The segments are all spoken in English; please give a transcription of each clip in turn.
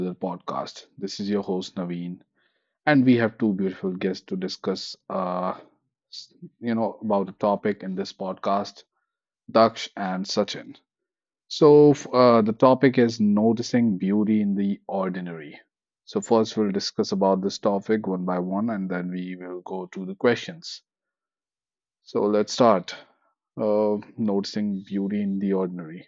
another podcast. This is your host Naveen, and we have two beautiful guests to discuss, s- about the topic in this podcast, Daksh and Sachin. So, the topic is noticing beauty in the ordinary. So, first we'll discuss about this topic one by one, and then we will go to the questions. So, let's start. Noticing beauty in the ordinary.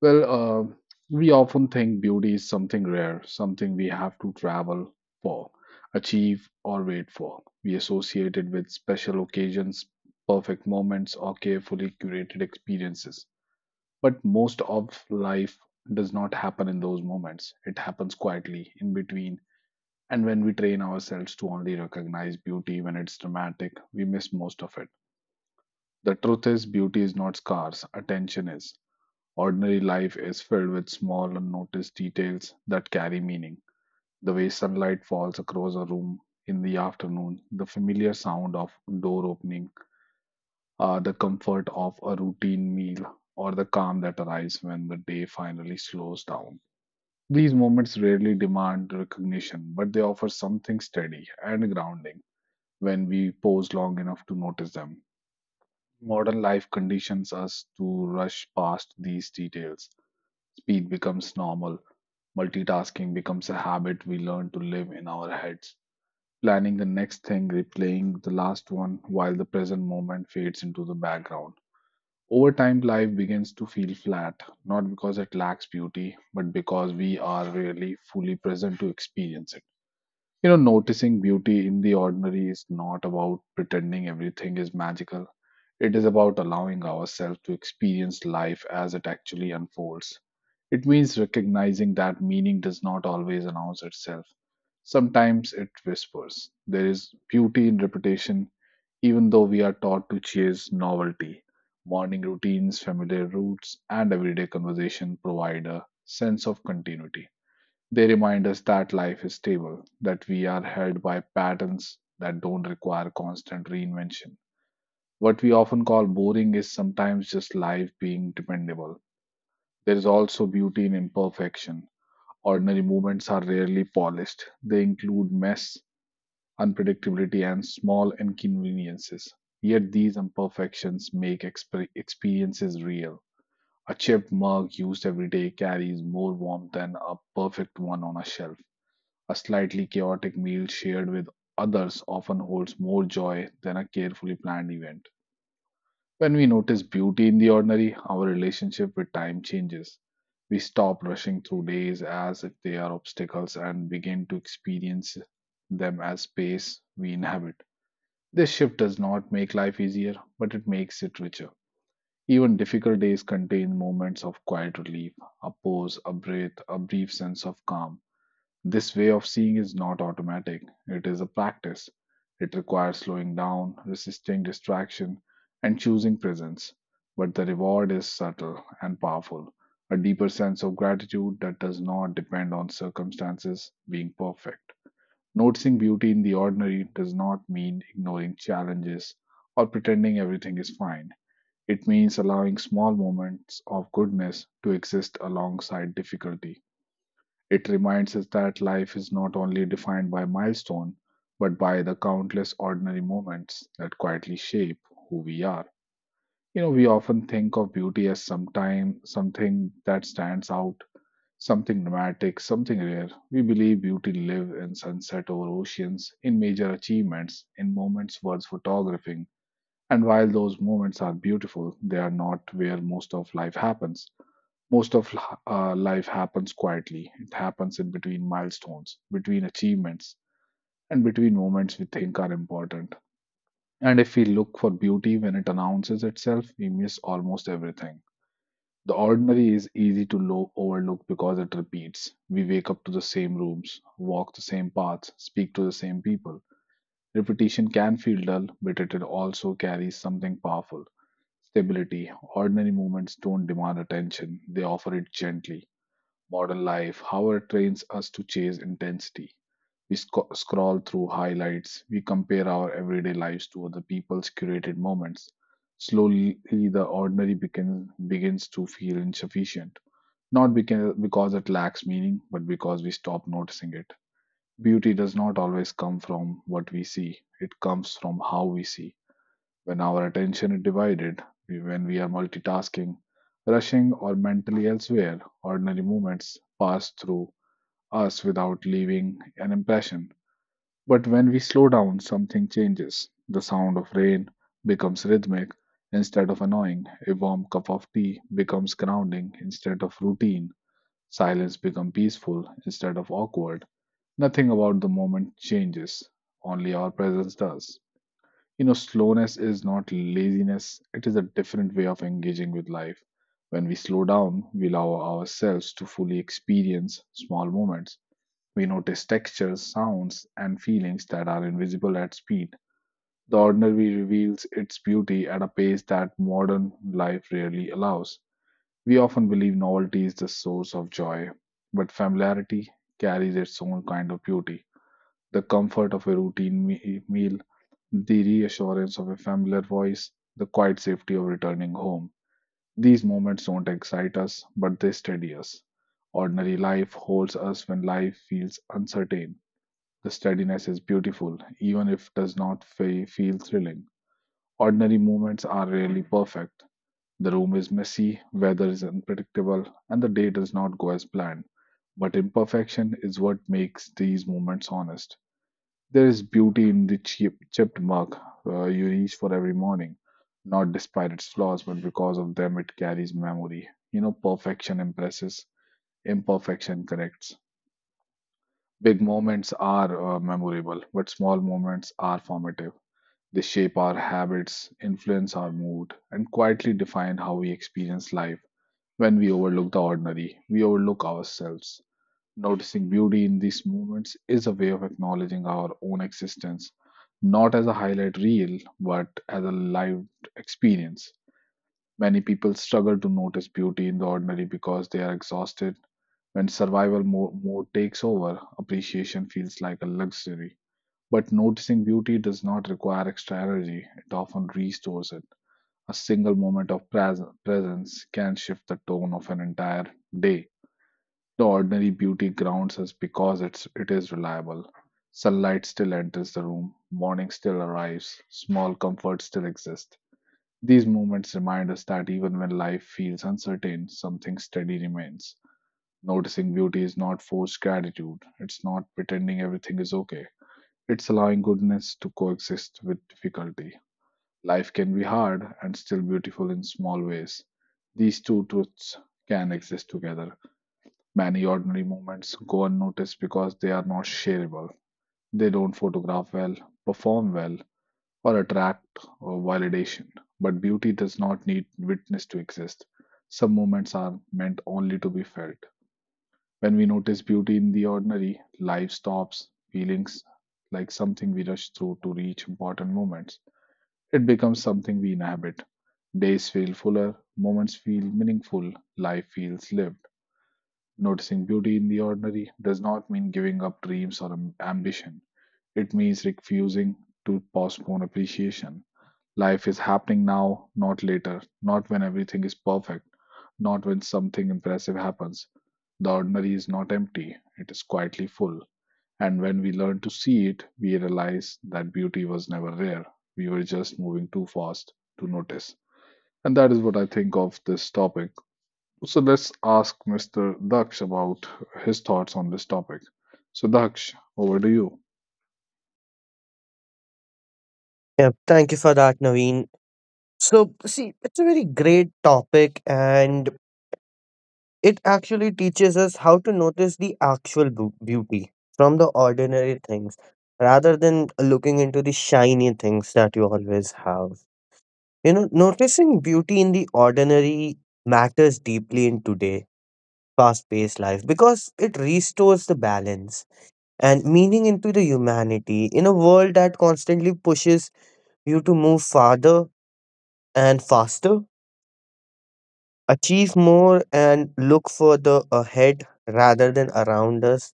Well, uh, we often think beauty is something rare, something we have to travel for, achieve, or wait for. We associate it with special occasions, perfect moments, or carefully curated experiences. But most of life does not happen in those moments. It happens quietly, in between, and when we train ourselves to only recognize beauty when it's dramatic, we miss most of it. The truth is, beauty is not scarce, attention is. Ordinary life is filled with small, unnoticed details that carry meaning. The way sunlight falls across a room in the afternoon, the familiar sound of door opening, the comfort of a routine meal, or the calm that arrives when the day finally slows down. These moments rarely demand recognition, but they offer something steady and grounding when we pause long enough to notice them. Modern life conditions us to rush past these details. Speed becomes normal, multitasking becomes a habit we learn to live in our heads, planning the next thing, replaying the last one while the present moment fades into the background. Over time, life begins to feel flat, not because it lacks beauty, but because we are really fully present to experience it. You know, noticing beauty in the ordinary is not about pretending everything is magical. It is about allowing ourselves to experience life as it actually unfolds. It means recognizing that meaning does not always announce itself. Sometimes it whispers. There is beauty in repetition, even though we are taught to chase novelty. Morning routines, familiar routes, and everyday conversation provide a sense of continuity. They remind us that life is stable, that we are held by patterns that don't require constant reinvention. What we often call boring is sometimes just life being dependable. There is also beauty in imperfection. Ordinary movements are rarely polished. They include mess, unpredictability, and small inconveniences. Yet these imperfections make experiences real. A chipped mug used every day carries more warmth than a perfect one on a shelf. A slightly chaotic meal shared with others often holds more joy than a carefully planned event. When we notice beauty in the ordinary, our relationship with time changes. We stop rushing through days as if they are obstacles and begin to experience them as space we inhabit. This shift does not make life easier, but it makes it richer. Even difficult days contain moments of quiet relief, a pause, a breath, a brief sense of calm. This way of seeing is not automatic, it is a practice. It requires slowing down, resisting distraction, and choosing presence. But the reward is subtle and powerful, a deeper sense of gratitude that does not depend on circumstances being perfect. Noticing beauty in the ordinary does not mean ignoring challenges or pretending everything is fine. It means allowing small moments of goodness to exist alongside difficulty. It reminds us that life is not only defined by milestone, but by the countless ordinary moments that quietly shape who we are. You know, we often think of beauty as sometime something that stands out, something dramatic, something rare. We believe beauty live in sunset over oceans, in major achievements, in moments worth photographing. And while those moments are beautiful, they are not where most of life happens. Most of life happens quietly. It happens in between milestones, between achievements, and between moments we think are important. And if we look for beauty when it announces itself, we miss almost everything. The ordinary is easy to overlook because it repeats. We wake up to the same rooms, walk the same paths, speak to the same people. Repetition can feel dull, but it also carries something powerful, stability. Ordinary movements don't demand attention, they offer it gently. Modern life, however, trains us to chase intensity. We scroll through highlights, we compare our everyday lives to other people's curated moments. Slowly, the ordinary begins to feel insufficient, not because it lacks meaning, but because we stop noticing it. Beauty does not always come from what we see, it comes from how we see. When our attention is divided, when we are multitasking, rushing, or mentally elsewhere, ordinary moments pass through us without leaving an impression. But when we slow down, something changes. The sound of rain becomes rhythmic instead of annoying. A warm cup of tea becomes grounding instead of routine. Silence becomes peaceful instead of awkward. Nothing about the moment changes, only our presence does. You know, slowness is not laziness, it is a different way of engaging with life. When we slow down, we allow ourselves to fully experience small moments, we notice textures, sounds, and feelings that are invisible at speed. The ordinary reveals its beauty at a pace that modern life rarely allows. We often believe novelty is the source of joy, but familiarity carries its own kind of beauty. The comfort of a routine meal, the reassurance of a familiar voice, the quiet safety of returning home. These moments don't excite us, but they steady us. Ordinary life holds us when life feels uncertain. The steadiness is beautiful, even if it does not feel thrilling. Ordinary movements are rarely perfect. The room is messy, weather is unpredictable, and the day does not go as planned. But imperfection is what makes these moments honest. There is beauty in the cheap, chipped mug you reach for every morning, not despite its flaws, but because of them, it carries memory. You know, perfection impresses, imperfection corrects. Big moments are memorable, but small moments are formative. They shape our habits, influence our mood, and quietly define how we experience life. When we overlook the ordinary, we overlook ourselves. Noticing beauty in these moments is a way of acknowledging our own existence, not as a highlight reel, but as a lived experience. Many people struggle to notice beauty in the ordinary because they are exhausted. When survival mode takes over, appreciation feels like a luxury. But noticing beauty does not require extra energy, it often restores it. A single moment of presence can shift the tone of an entire day. The ordinary beauty grounds us because it is reliable. Sunlight still enters the room, morning still arrives, small comforts still exist. These moments remind us that even when life feels uncertain, something steady remains. Noticing beauty is not forced gratitude, it's not pretending everything is okay. It's allowing goodness to coexist with difficulty. Life can be hard and still beautiful in small ways. These two truths can exist together. Many ordinary moments go unnoticed because they are not shareable. They don't photograph well, perform well, or attract or validation. But beauty does not need witness to exist. Some moments are meant only to be felt. When we notice beauty in the ordinary, life stops feelings like something we rush through to reach important moments. It becomes something we inhabit. Days feel fuller, moments feel meaningful, life feels lived. Noticing beauty in the ordinary does not mean giving up dreams or ambition. It means refusing to postpone appreciation. Life is happening now, not later, not when everything is perfect, not when something impressive happens. The ordinary is not empty, it is quietly full. And when we learn to see it, we realize that beauty was never rare. We were just moving too fast to notice. And that is what I think of this topic. So let's ask Mr. Daksh about his thoughts on this topic. So, Daksh, over to you. Yeah, thank you for that, Naveen. So, see, it's a very great topic, and it actually teaches us how to notice the actual beauty from the ordinary things rather than looking into the shiny things that you always have. You know, noticing beauty in the ordinary matters deeply in today fast paced life because it restores the balance and meaning into the humanity in a world that constantly pushes you to move farther and faster, achieve more, and look further ahead rather than around us.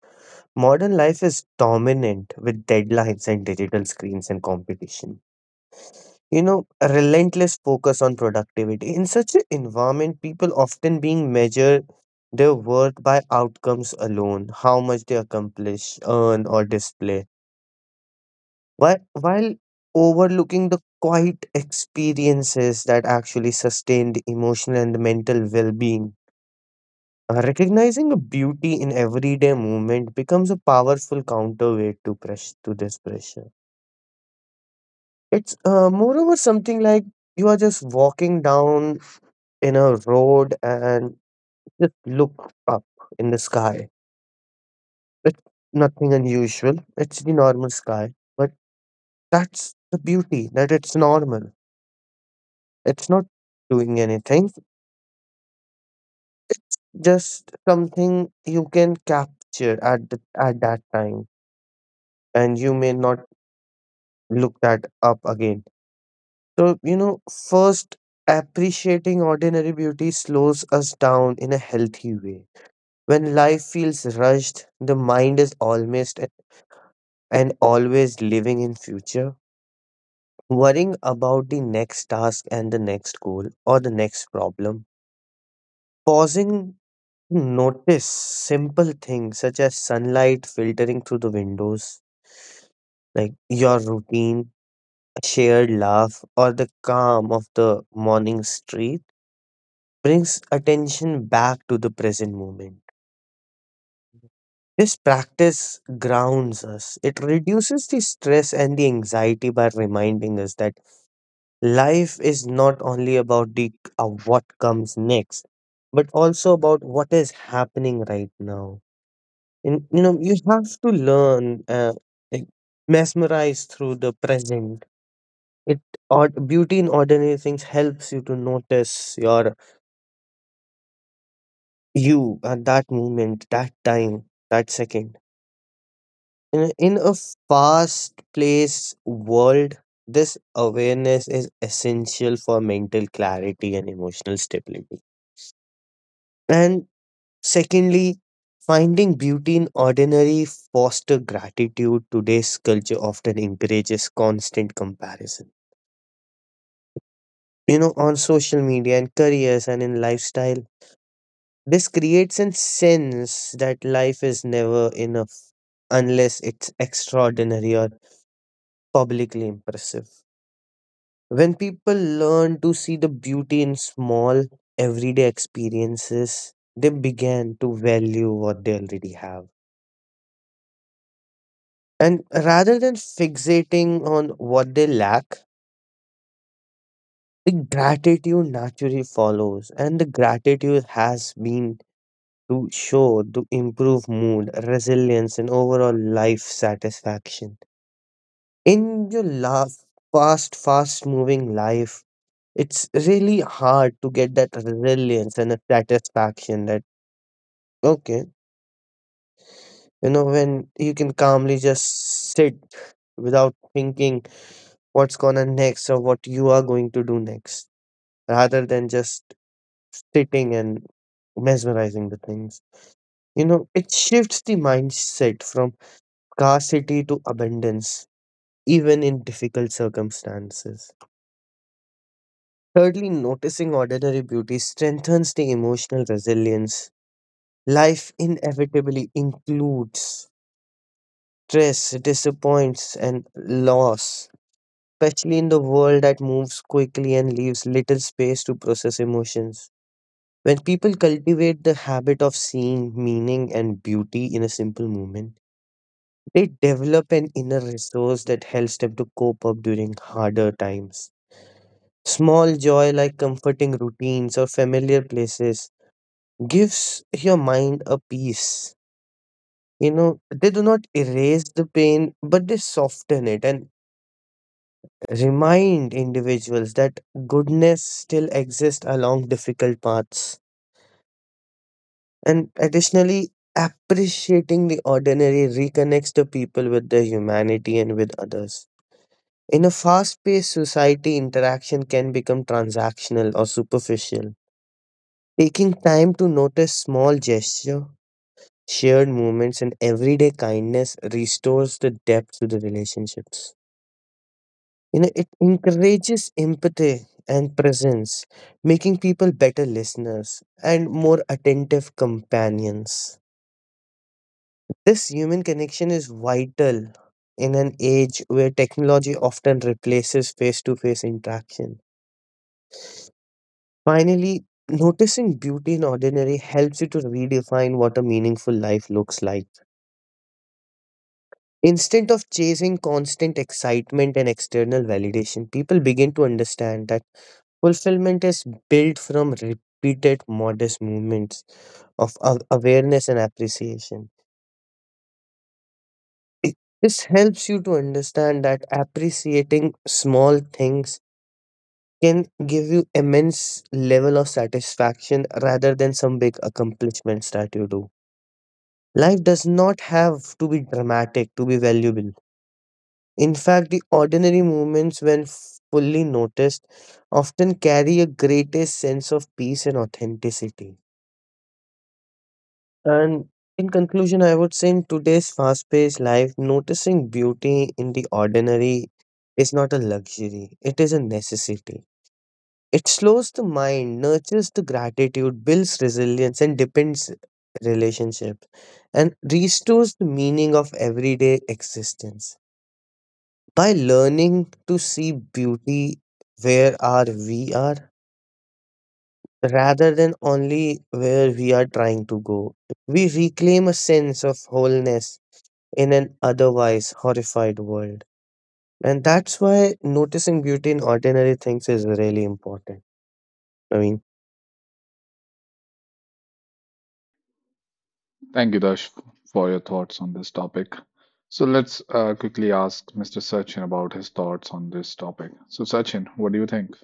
Modern life is dominant with deadlines and digital screens and competition. You know, a relentless focus on productivity. In such an environment, people often being measured their worth by outcomes alone, how much they accomplish, earn, or display, while, overlooking the quiet experiences that actually sustain the emotional and mental well being. Recognizing a beauty in everyday movement becomes a powerful counterweight to press to this pressure. It's moreover something like you are just walking down in a road and just look up in the sky. It's nothing unusual. It's the normal sky, but that's the beauty, that it's normal. It's not doing anything, just something you can capture at at that time, and you may not look that up again. So, you know, first, appreciating ordinary beauty slows us down in a healthy way. When life feels rushed, the mind is almost and always living in future, worrying about the next task and the next goal or the next problem. Pausing to notice simple things such as sunlight filtering through the windows, like your routine, a shared laugh, or the calm of the morning street brings attention back to the present moment. This practice grounds us. It reduces the stress and the anxiety by reminding us that life is not only about the what comes next, but also about what is happening right now. And you know, you have to learn, like mesmerize through the present. It or beauty in ordinary things helps you to notice your you at that moment, that time, that second. In a fast-paced world, this awareness is essential for mental clarity and emotional stability. And secondly, finding beauty in ordinary foster gratitude. Today's culture often encourages constant comparison. You know, on social media and careers and in lifestyle, this creates a sense that life is never enough unless it's extraordinary or publicly impressive. When people learn to see the beauty in small, everyday experiences, they begin to value what they already have. And rather than fixating on what they lack, the gratitude naturally follows. And the gratitude has been to show to improve mood, resilience, and overall life satisfaction. In your love, fast moving life, it's really hard to get that resilience and a satisfaction that, okay, you know, when you can calmly just sit without thinking what's gonna next or what you are going to do next, rather than just sitting and mesmerizing the things. You know, it shifts the mindset from scarcity to abundance, even in difficult circumstances. Thirdly, noticing ordinary beauty strengthens the emotional resilience. Life inevitably includes stress, disappointments, and loss, especially in the world that moves quickly and leaves little space to process emotions. When people cultivate the habit of seeing meaning and beauty in a simple moment, they develop an inner resource that helps them to cope up during harder times. Small joy like comforting routines or familiar places gives your mind a peace. You know, they do not erase the pain, but they soften it and remind individuals that goodness still exists along difficult paths. And additionally, appreciating the ordinary reconnects the people with their humanity and with others. In a fast paced society, interaction can become transactional or superficial. Taking time to notice small gesture, shared moments, and everyday kindness restores the depth to the relationships. You know, it encourages empathy and presence, making people better listeners and more attentive companions. This human connection is vital in an age where technology often replaces face to face interaction. Finally, noticing beauty in ordinary helps you to redefine what a meaningful life looks like. Instead of chasing constant excitement and external validation, people begin to understand that fulfillment is built from repeated modest movements of awareness and appreciation. This helps you to understand that appreciating small things can give you immense level of satisfaction rather than some big accomplishments that you do. Life does not have to be dramatic to be valuable. In fact, the ordinary moments, when fully noticed, often carry a greatest sense of peace and authenticity. And in conclusion, I would say in today's fast paced life, noticing beauty in the ordinary is not a luxury, it is a necessity. It slows the mind, nurtures the gratitude, builds resilience, and depends relationships, and restores the meaning of everyday existence. By learning to see beauty where are we are rather than only where we are trying to go, we reclaim a sense of wholeness in an otherwise horrified world, and that's why noticing beauty in ordinary things is really important. I mean, Thank you, Dash, for your thoughts on this topic. So let's quickly ask Mr. Sachin about his thoughts on this topic. So Sachin, what do you think?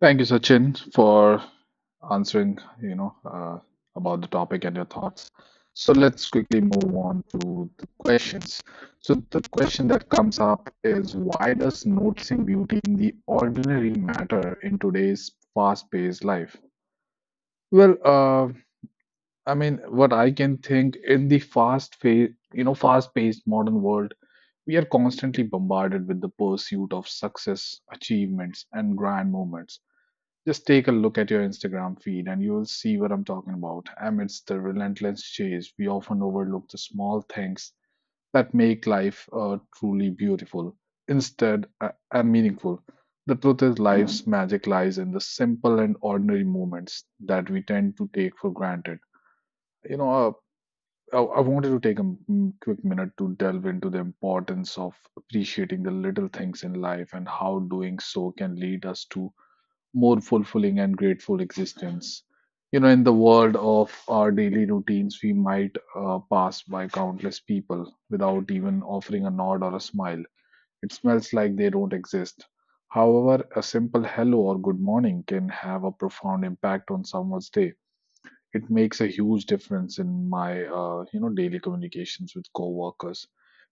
Thank you, Sachin, for answering, about the topic and your thoughts. So let's quickly move on to the questions. So the question that comes up is, why does noticing beauty in the ordinary matter in today's fast-paced life? Well, what I can think in the fast phase, you know, fast-paced modern world, we are constantly bombarded with the pursuit of success, achievements, and grand moments. Just take a look at your Instagram feed and you will see what I'm talking about. Amidst the relentless chase, we often overlook the small things that make life truly beautiful, instead and meaningful. The truth is, life's magic lies in the simple and ordinary moments that we tend to take for granted. You know uh, I, I wanted to take a quick minute to delve into the importance of appreciating the little things in life and how doing so can lead us to more fulfilling and grateful existence. You know, in the world of our daily routines, we might pass by countless people without even offering a nod or a smile. It smells like they don't exist. However, a simple hello or good morning can have a profound impact on someone's day. It makes a huge difference in my daily communications with coworkers.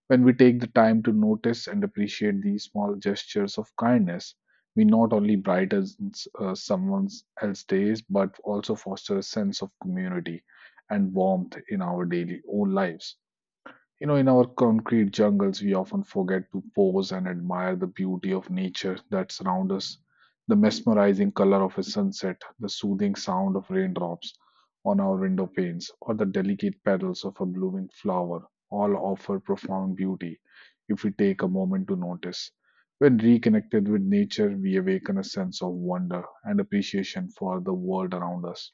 When we take the time to notice and appreciate these small gestures of kindness, we not only brightens someone else's days but also foster a sense of community and warmth in our daily own lives. You know, in our concrete jungles, we often forget to pause and admire the beauty of nature that surrounds us. The mesmerizing color of a sunset, the soothing sound of raindrops on our window panes, or the delicate petals of a blooming flower all offer profound beauty if we take a moment to notice. When reconnected with nature, we awaken a sense of wonder and appreciation for the world around us.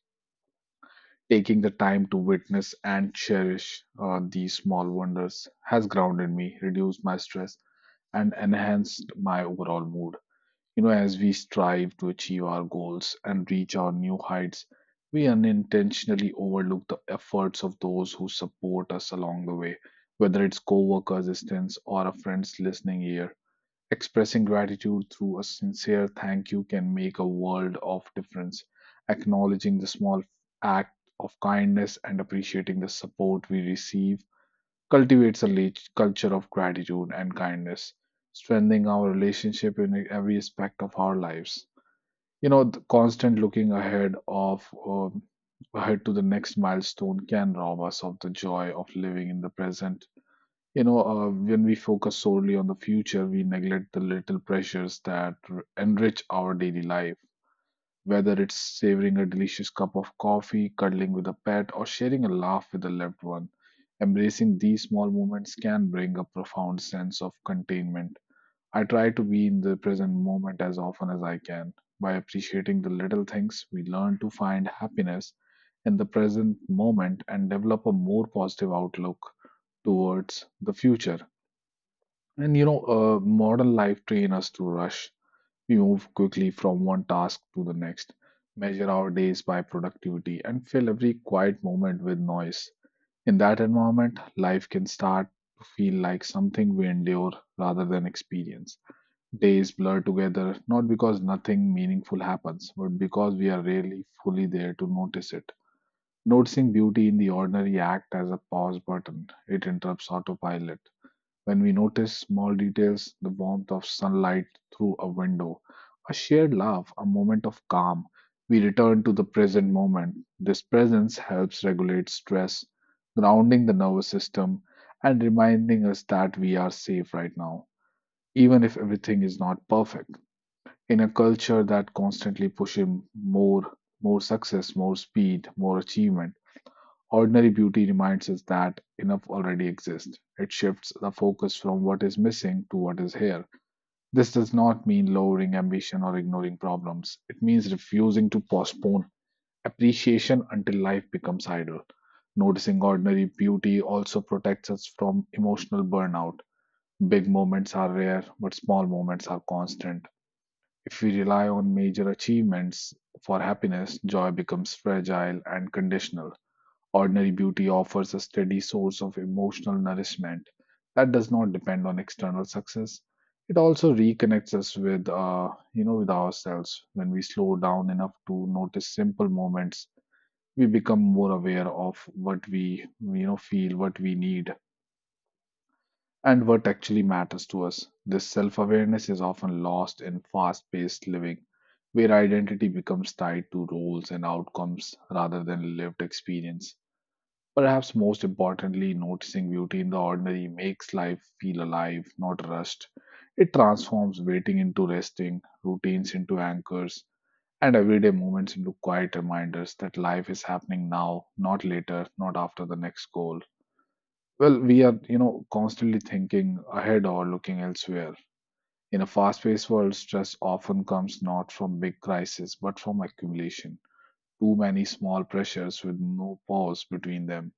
Taking the time to witness and cherish these small wonders has grounded me, reduced my stress, and enhanced my overall mood. You know, as we strive to achieve our goals and reach our new heights, we unintentionally overlook the efforts of those who support us along the way, whether it's co worker assistance or a friend's listening ear. Expressing gratitude through a sincere thank you can make a world of difference. Acknowledging the small act of kindness and appreciating the support we receive cultivates a culture of gratitude and kindness, strengthening our relationship in every aspect of our lives. You know, the constant looking ahead of ahead to the next milestone can rob us of the joy of living in the present. When we focus solely on the future, we neglect the little pleasures that enrich our daily life. Whether it's savoring a delicious cup of coffee, cuddling with a pet, or sharing a laugh with a loved one, embracing these small moments can bring a profound sense of contentment. I try to be in the present moment as often as I can. By appreciating the little things, we learn to find happiness in the present moment and develop a more positive outlook towards the future. Modern life train us to rush. We move quickly from one task to the next, measure our days by productivity, and fill every quiet moment with noise. In that environment, life can start to feel like something we endure rather than experience. Days blur together, not because nothing meaningful happens, but because we are rarely fully there to notice it. Noticing beauty in the ordinary act as a pause button. It interrupts autopilot. When we notice small details, the warmth of sunlight through a window, a shared laugh, a moment of calm, we return to the present moment. This presence helps regulate stress, grounding the nervous system, and reminding us that we are safe right now, even if everything is not perfect. In a culture that constantly pushes more, more success, more speed, more achievement, ordinary beauty reminds us that enough already exists. It shifts the focus from what is missing to what is here. This does not mean lowering ambition or ignoring problems. It means refusing to postpone appreciation until life becomes idle. Noticing ordinary beauty also protects us from emotional burnout. Big moments are rare, but small moments are constant. If we rely on major achievements for happiness, joy becomes fragile and conditional. Ordinary beauty offers a steady source of emotional nourishment that does not depend on external success. It also reconnects us with, with ourselves. When we slow down enough to notice simple moments, we become more aware of what we, feel, what we need, and what actually matters to us. This self-awareness is often lost in fast-paced living, where identity becomes tied to roles and outcomes rather than lived experience. Perhaps most importantly, noticing beauty in the ordinary makes life feel alive, not rushed. It transforms waiting into resting, routines into anchors, and everyday moments into quiet reminders that life is happening now, not later, not after the next goal. Well, we are, constantly thinking ahead or looking elsewhere. In a fast paced world, stress often comes not from big crises, but from accumulation. Too many small pressures with no pause between them.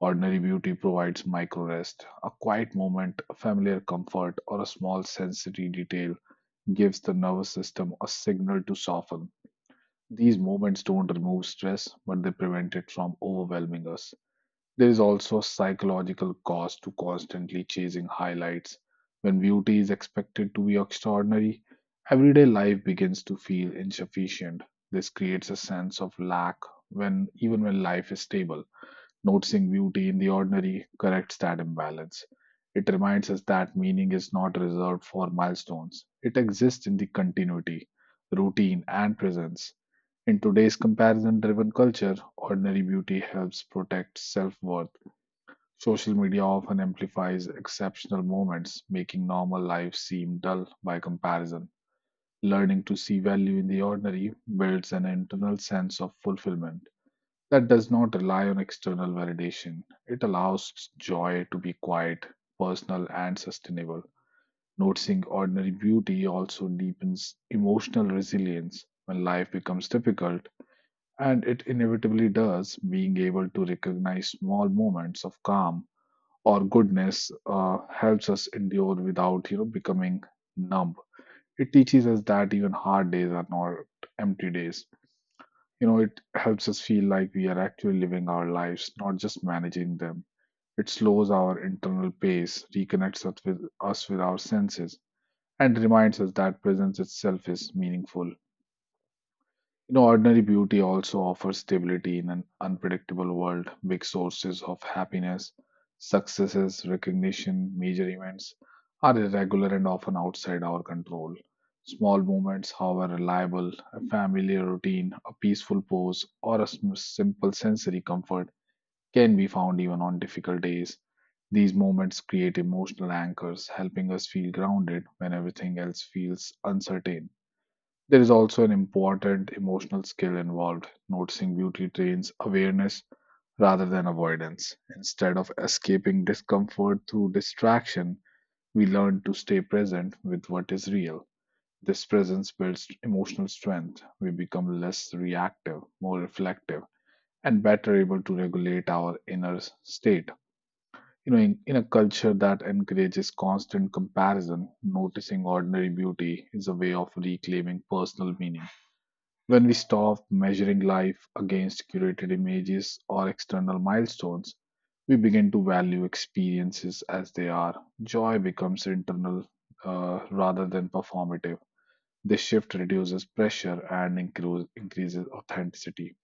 Ordinary beauty provides micro rest. A quiet moment, a familiar comfort, or a small sensory detail gives the nervous system a signal to soften. These moments don't remove stress, but they prevent it from overwhelming us. There is also a psychological cost to constantly chasing highlights. When beauty is expected to be extraordinary, everyday life begins to feel insufficient. This creates a sense of lack when even when life is stable. Noticing beauty in the ordinary corrects that imbalance. It reminds us that meaning is not reserved for milestones. It exists in the continuity, routine, and presence. In today's comparison driven culture, ordinary beauty helps protect self worth. Social media often amplifies exceptional moments, making normal life seem dull by comparison. Learning to see value in the ordinary builds an internal sense of fulfillment that does not rely on external validation. It allows joy to be quiet, personal, and sustainable. Noticing ordinary beauty also deepens emotional resilience when life becomes difficult, and it inevitably does. Being able to recognize small moments of calm or goodness helps us endure without becoming numb. It teaches us that even hard days are not empty days. You know, it helps us feel like we are actually living our lives, not just managing them. It slows our internal pace, reconnects us with, our senses, and reminds us that presence itself is meaningful. You know, ordinary beauty also offers stability in an unpredictable world. Big sources of happiness, successes, recognition, major events are irregular and often outside our control. Small moments, however reliable, a familiar routine, a peaceful pose, or a simple sensory comfort can be found even on difficult days. These moments create emotional anchors, helping us feel grounded when everything else feels uncertain. There is also an important emotional skill involved. Noticing beauty trains awareness rather than avoidance. Instead of escaping discomfort through distraction, we learn to stay present with what is real. This presence builds emotional strength. We become less reactive, more reflective, and better able to regulate our inner state. You know, in a culture that encourages constant comparison, noticing ordinary beauty is a way of reclaiming personal meaning. When we stop measuring life against curated images or external milestones, we begin to value experiences as they are. Joy becomes internal rather than performative. This shift reduces pressure and increases authenticity.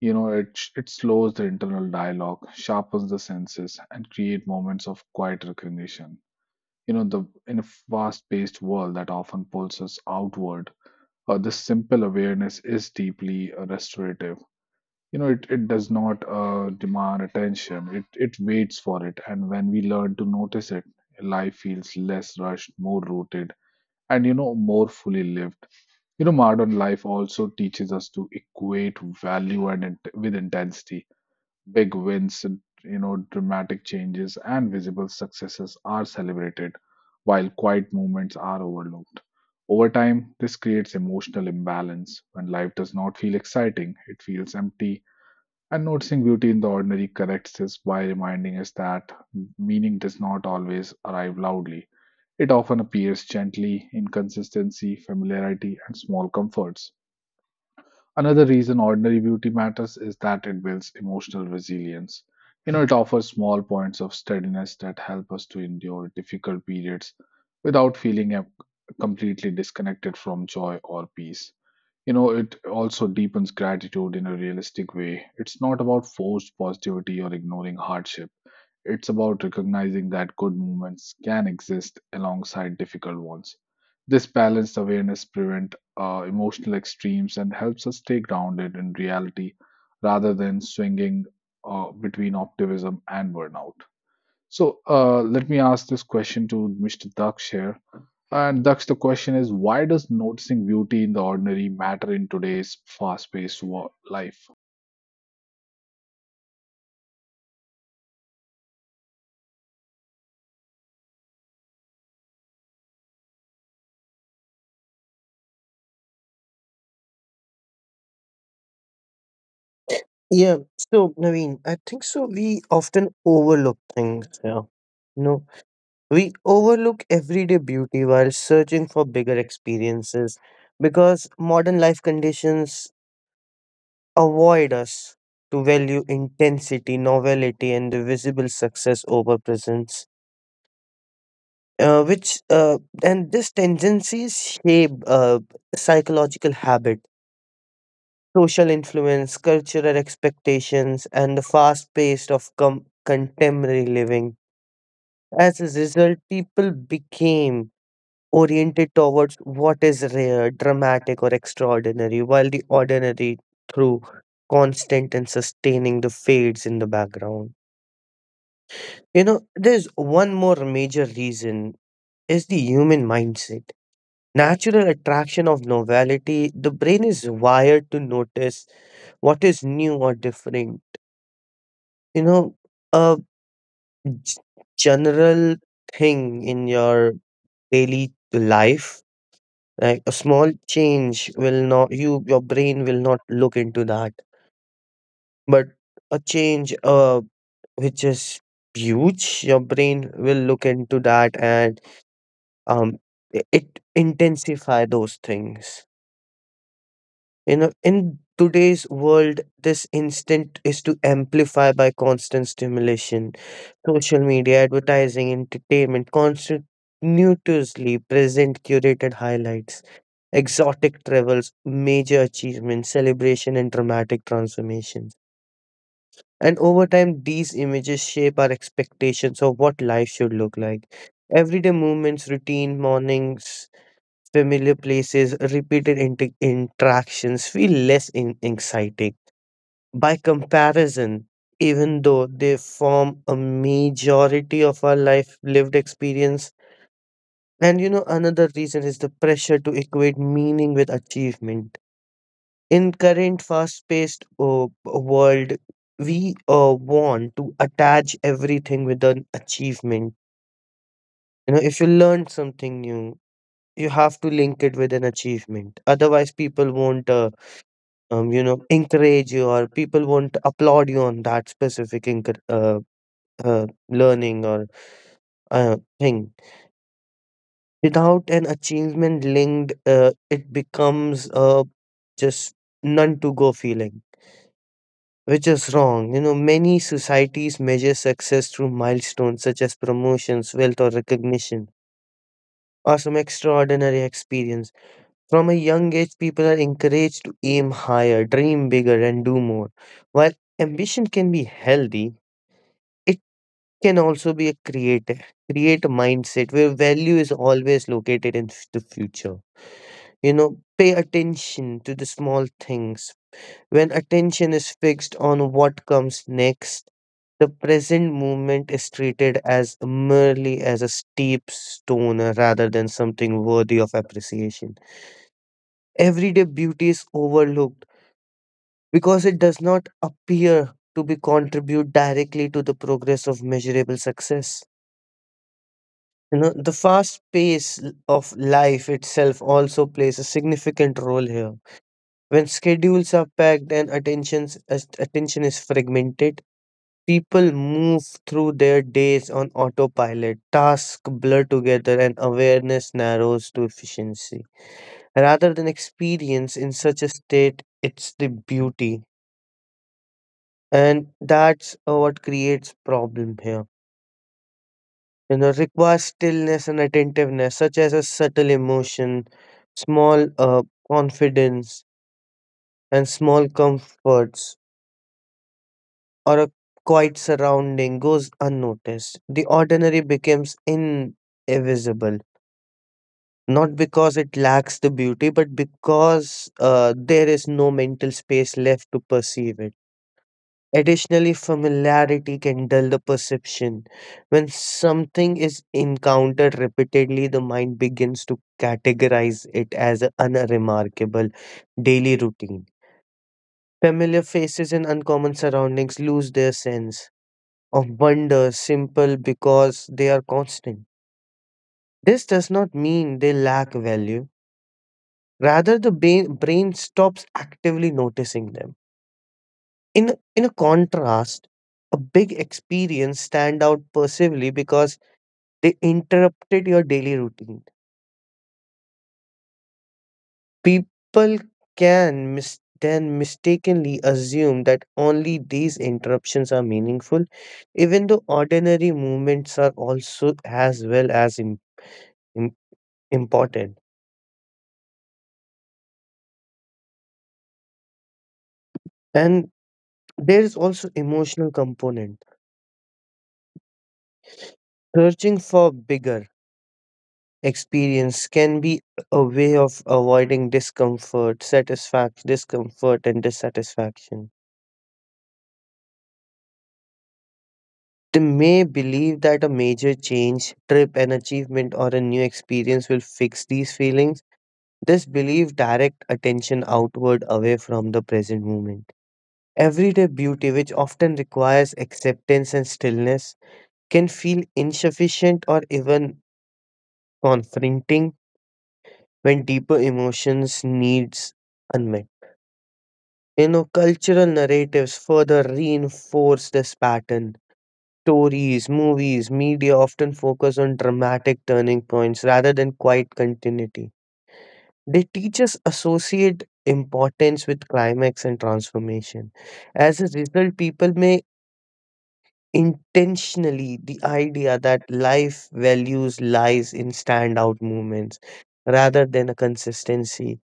You know, it slows the internal dialogue, sharpens the senses, and create moments of quiet recognition. You know, the in a fast-paced world that often pulls us outward, this simple awareness is deeply restorative. You know, it does not demand attention. It waits for it. And when we learn to notice it, life feels less rushed, more rooted, and, more fully lived. You know, modern life also teaches us to equate value and with intensity. Big wins, dramatic changes and visible successes are celebrated, while quiet movements are overlooked. Over time, this creates emotional imbalance. When life does not feel exciting, it feels empty. And noticing beauty in the ordinary corrects this by reminding us that meaning does not always arrive loudly. It often appears gently in consistency, familiarity, and small comforts. Another reason ordinary beauty matters is that it builds emotional resilience. You know, it offers small points of steadiness that help us to endure difficult periods without feeling completely disconnected from joy or peace. You know, it also deepens gratitude in a realistic way. It's not about forced positivity or ignoring hardship. It's about recognizing that good moments can exist alongside difficult ones. This balanced awareness prevents emotional extremes and helps us stay grounded in reality rather than swinging between optimism and burnout. So let me ask this question to Mr. Daksh here. And Daksh, the question is why does noticing beauty in the ordinary matter in today's fast paced life? yeah, so Naveen, I think so we often overlook things, yeah. No. We overlook everyday beauty while searching for bigger experiences because modern life conditions avoid us to value intensity, novelty, and the visible success over presence. Which and this tendencies shape psychological habit, social influence, cultural expectations, and the fast pace of contemporary living. As a result, people became oriented towards what is rare, dramatic, or extraordinary, while the ordinary, through constant and sustaining, the fades in the background. You know, there's one more major reason is the human mindset. Natural attraction of novelty, the brain is wired to notice what is new or different. You know, a g- general thing in your daily life, like a small change will not your brain will not look into that. But a change which is huge, your brain will look into that, and um it intensify those things. You know, in today's world, this instinct is to amplify by constant stimulation social media, advertising, entertainment, continuously present curated highlights, exotic travels, major achievements, celebration, and dramatic transformations. And over time, these images shape our expectations of what life should look like. Everyday movements, routine mornings, familiar places, repeated interactions feel less exciting by comparison, even though they form a majority of our life lived experience. And you know, another reason is the pressure to equate meaning with achievement. In current fast-paced world, we want to attach everything with an achievement. You know, if you learn something new, you have to link it with an achievement. Otherwise, people won't, you know, encourage you, or people won't applaud you on that specific learning or thing. Without an achievement linked, it becomes just none to go feeling, which is wrong. You know, many societies measure success through milestones such as promotions, wealth, or recognition, or some extraordinary experience. From a young age, people are encouraged to aim higher, dream bigger, and do more. While ambition can be healthy, it can also be create a mindset where value is always located in the future. You know, pay attention to the small things. When attention is fixed on what comes next, the present moment is treated as merely as a steep stone rather than something worthy of appreciation. Everyday beauty is overlooked because it does not appear to be contribute directly to the progress of measurable success. You know, the fast pace of life itself also plays a significant role here. When schedules are packed and attention is fragmented, people move through their days on autopilot, tasks blur together, and awareness narrows to efficiency. Rather than experience in such a state, it's the beauty. And that's what creates problem here. You know, requires stillness and attentiveness, such as a subtle emotion, small confidence, and small comforts, or a quiet surrounding goes unnoticed. The ordinary becomes invisible, not because it lacks the beauty, but because there is no mental space left to perceive it. Additionally, familiarity can dull the perception. When something is encountered repeatedly, the mind begins to categorize it as an unremarkable daily routine. Familiar faces and uncommon surroundings lose their sense of wonder simple because they are constant. This does not mean they lack value. Rather, the brain stops actively noticing them. In a contrast, a big experience stand out perceivably because they interrupted your daily routine. People can mis- then mistakenly assume that only these interruptions are meaningful, even though ordinary movements are also as well as im- important. And there is also emotional component. Searching for bigger experience can be a way of avoiding discomfort, satisfaction, discomfort, and dissatisfaction. They may believe that a major change, trip, an achievement, or a new experience will fix these feelings. This belief direct attention outward away from the present moment. Everyday beauty, which often requires acceptance and stillness, can feel insufficient or even confronting when deeper emotions needs unmet. You know, cultural narratives further reinforce this pattern. Stories, movies, media often focus on dramatic turning points rather than quiet continuity. They teach us associate importance with climax and transformation. As a result, people may intentionally the idea that life values lies in standout moments rather than a consistency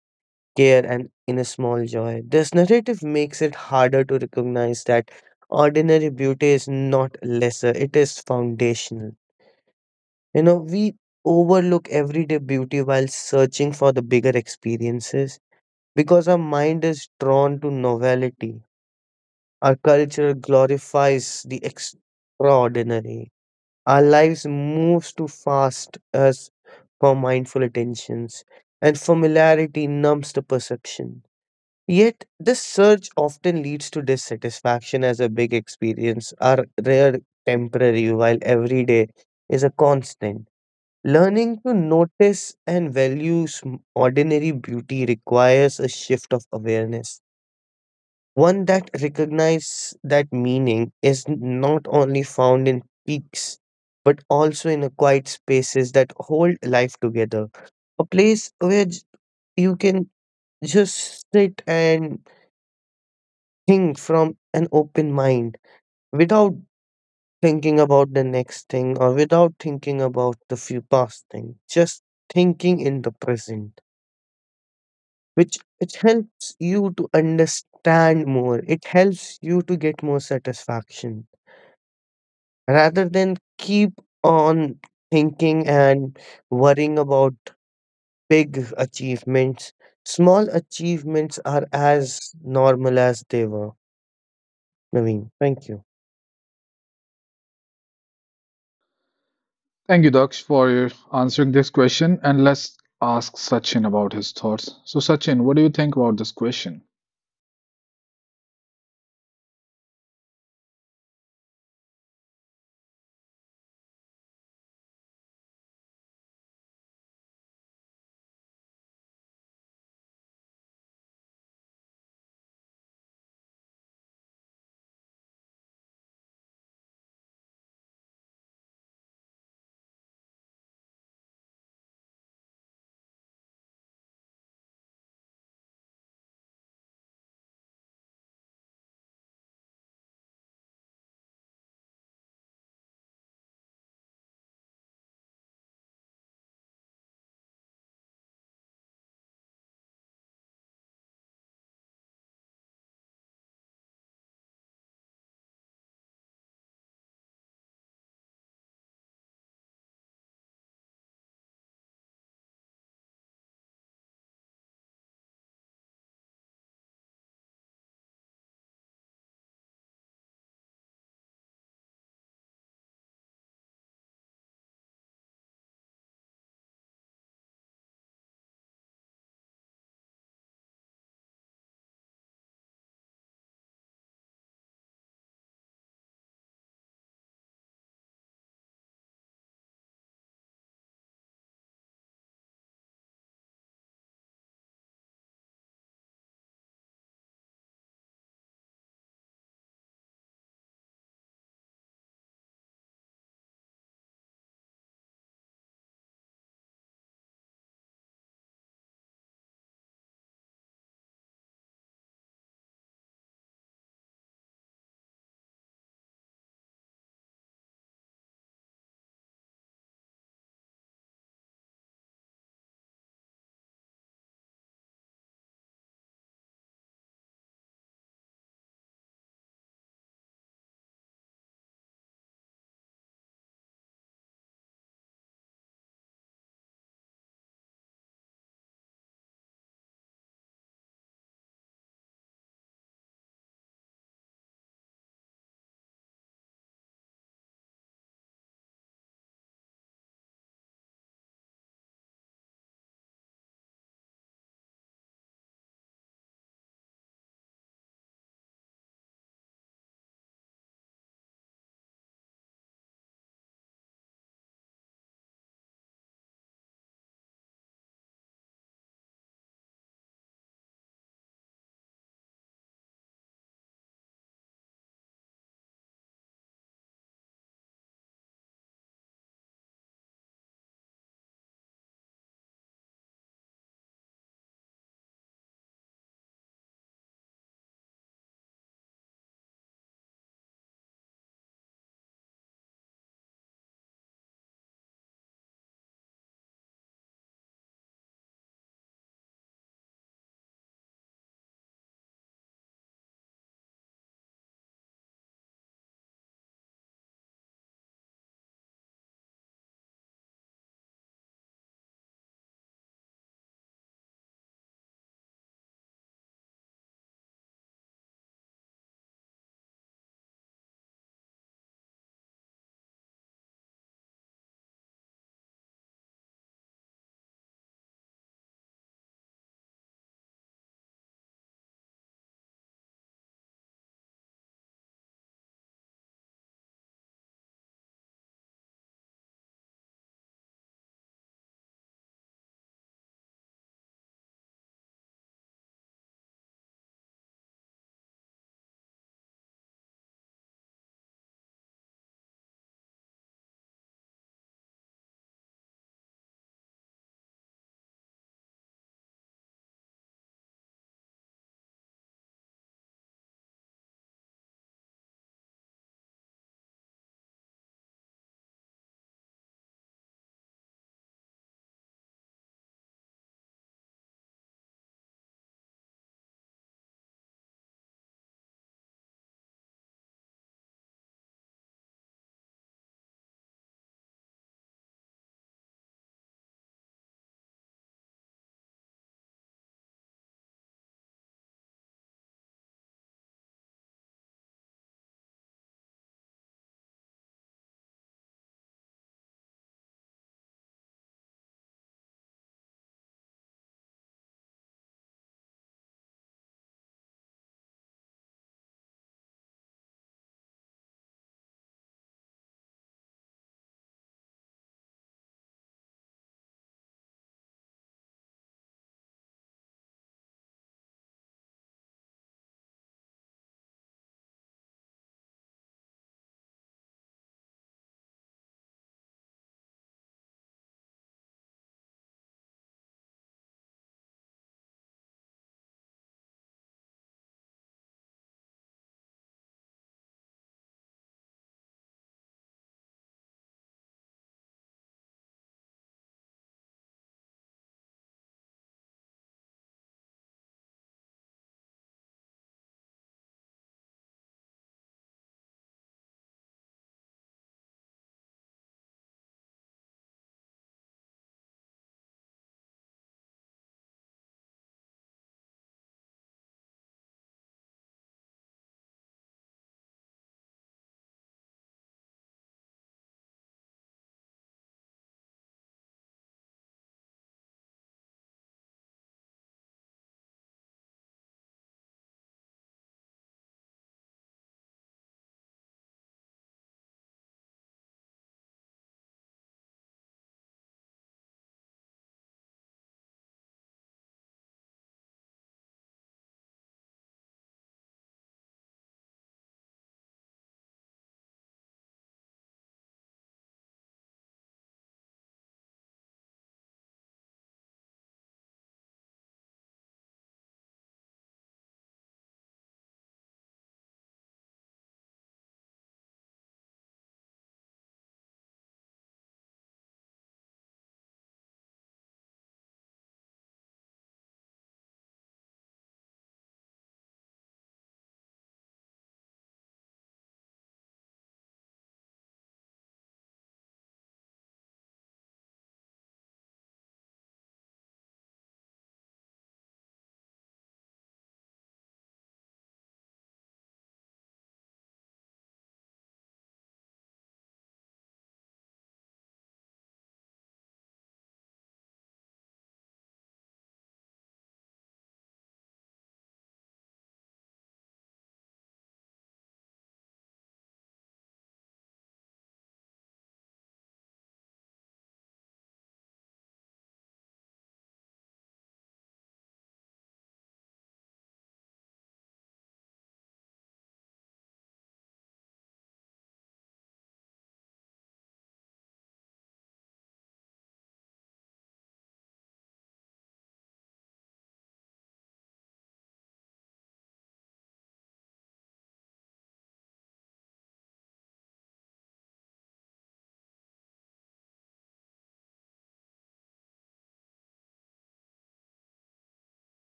care, and in a small joy. This narrative makes it harder to recognize that ordinary beauty is not lesser, it is foundational. You know, we overlook everyday beauty while searching for the bigger experiences because our mind is drawn to novelty. Our culture glorifies the extraordinary. Our lives moves too fast as for mindful attentions, and familiarity numbs the perception. Yet, this surge often leads to dissatisfaction as a big experience are rare, temporary, while every day is a constant. Learning to notice and value ordinary beauty requires a shift of awareness, one that recognizes that meaning is not only found in peaks, but also in a quiet spaces that hold life together. A place where you can just sit and think from an open mind without thinking about the next thing or without thinking about the few past thing, just thinking in the present, which it helps you to understand more, it helps you to get more satisfaction rather than keep on thinking and worrying about big achievements. Small achievements are as normal as they were. Naveen, thank you. Thank you, Daksh, for your answering this question. And let's ask Sachin about his thoughts. So, Sachin, what do you think about this question?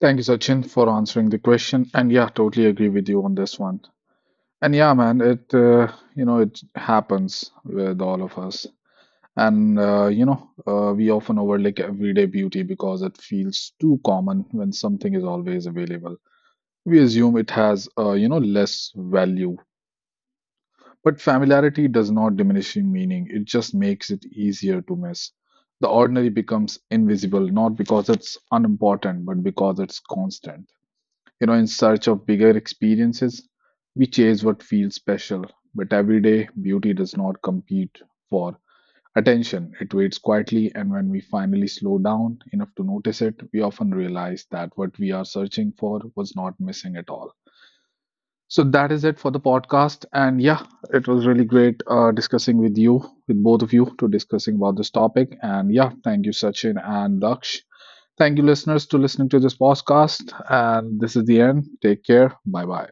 Thank you, Sachin, for answering the question. And yeah, totally agree with you on this one. And yeah, man, it it happens with all of us. And we often overlook everyday beauty because it feels too common. When something is always available, we assume it has less value. But familiarity does not diminish in meaning, it just makes it easier to miss. The ordinary becomes invisible not because it's unimportant, but because it's constant. You know, in search of bigger experiences, we chase what feels special, but everyday beauty does not compete for attention. It waits quietly, and when we finally slow down enough to notice it, we often realize that what we are searching for was not missing at all. So that is it for the podcast. And yeah, it was really great discussing with you, with both of you, to discussing about this topic. And yeah, thank you, Sachin and Daksh. Thank you, listeners, to listening to this podcast. And this is the end. Take care. Bye bye.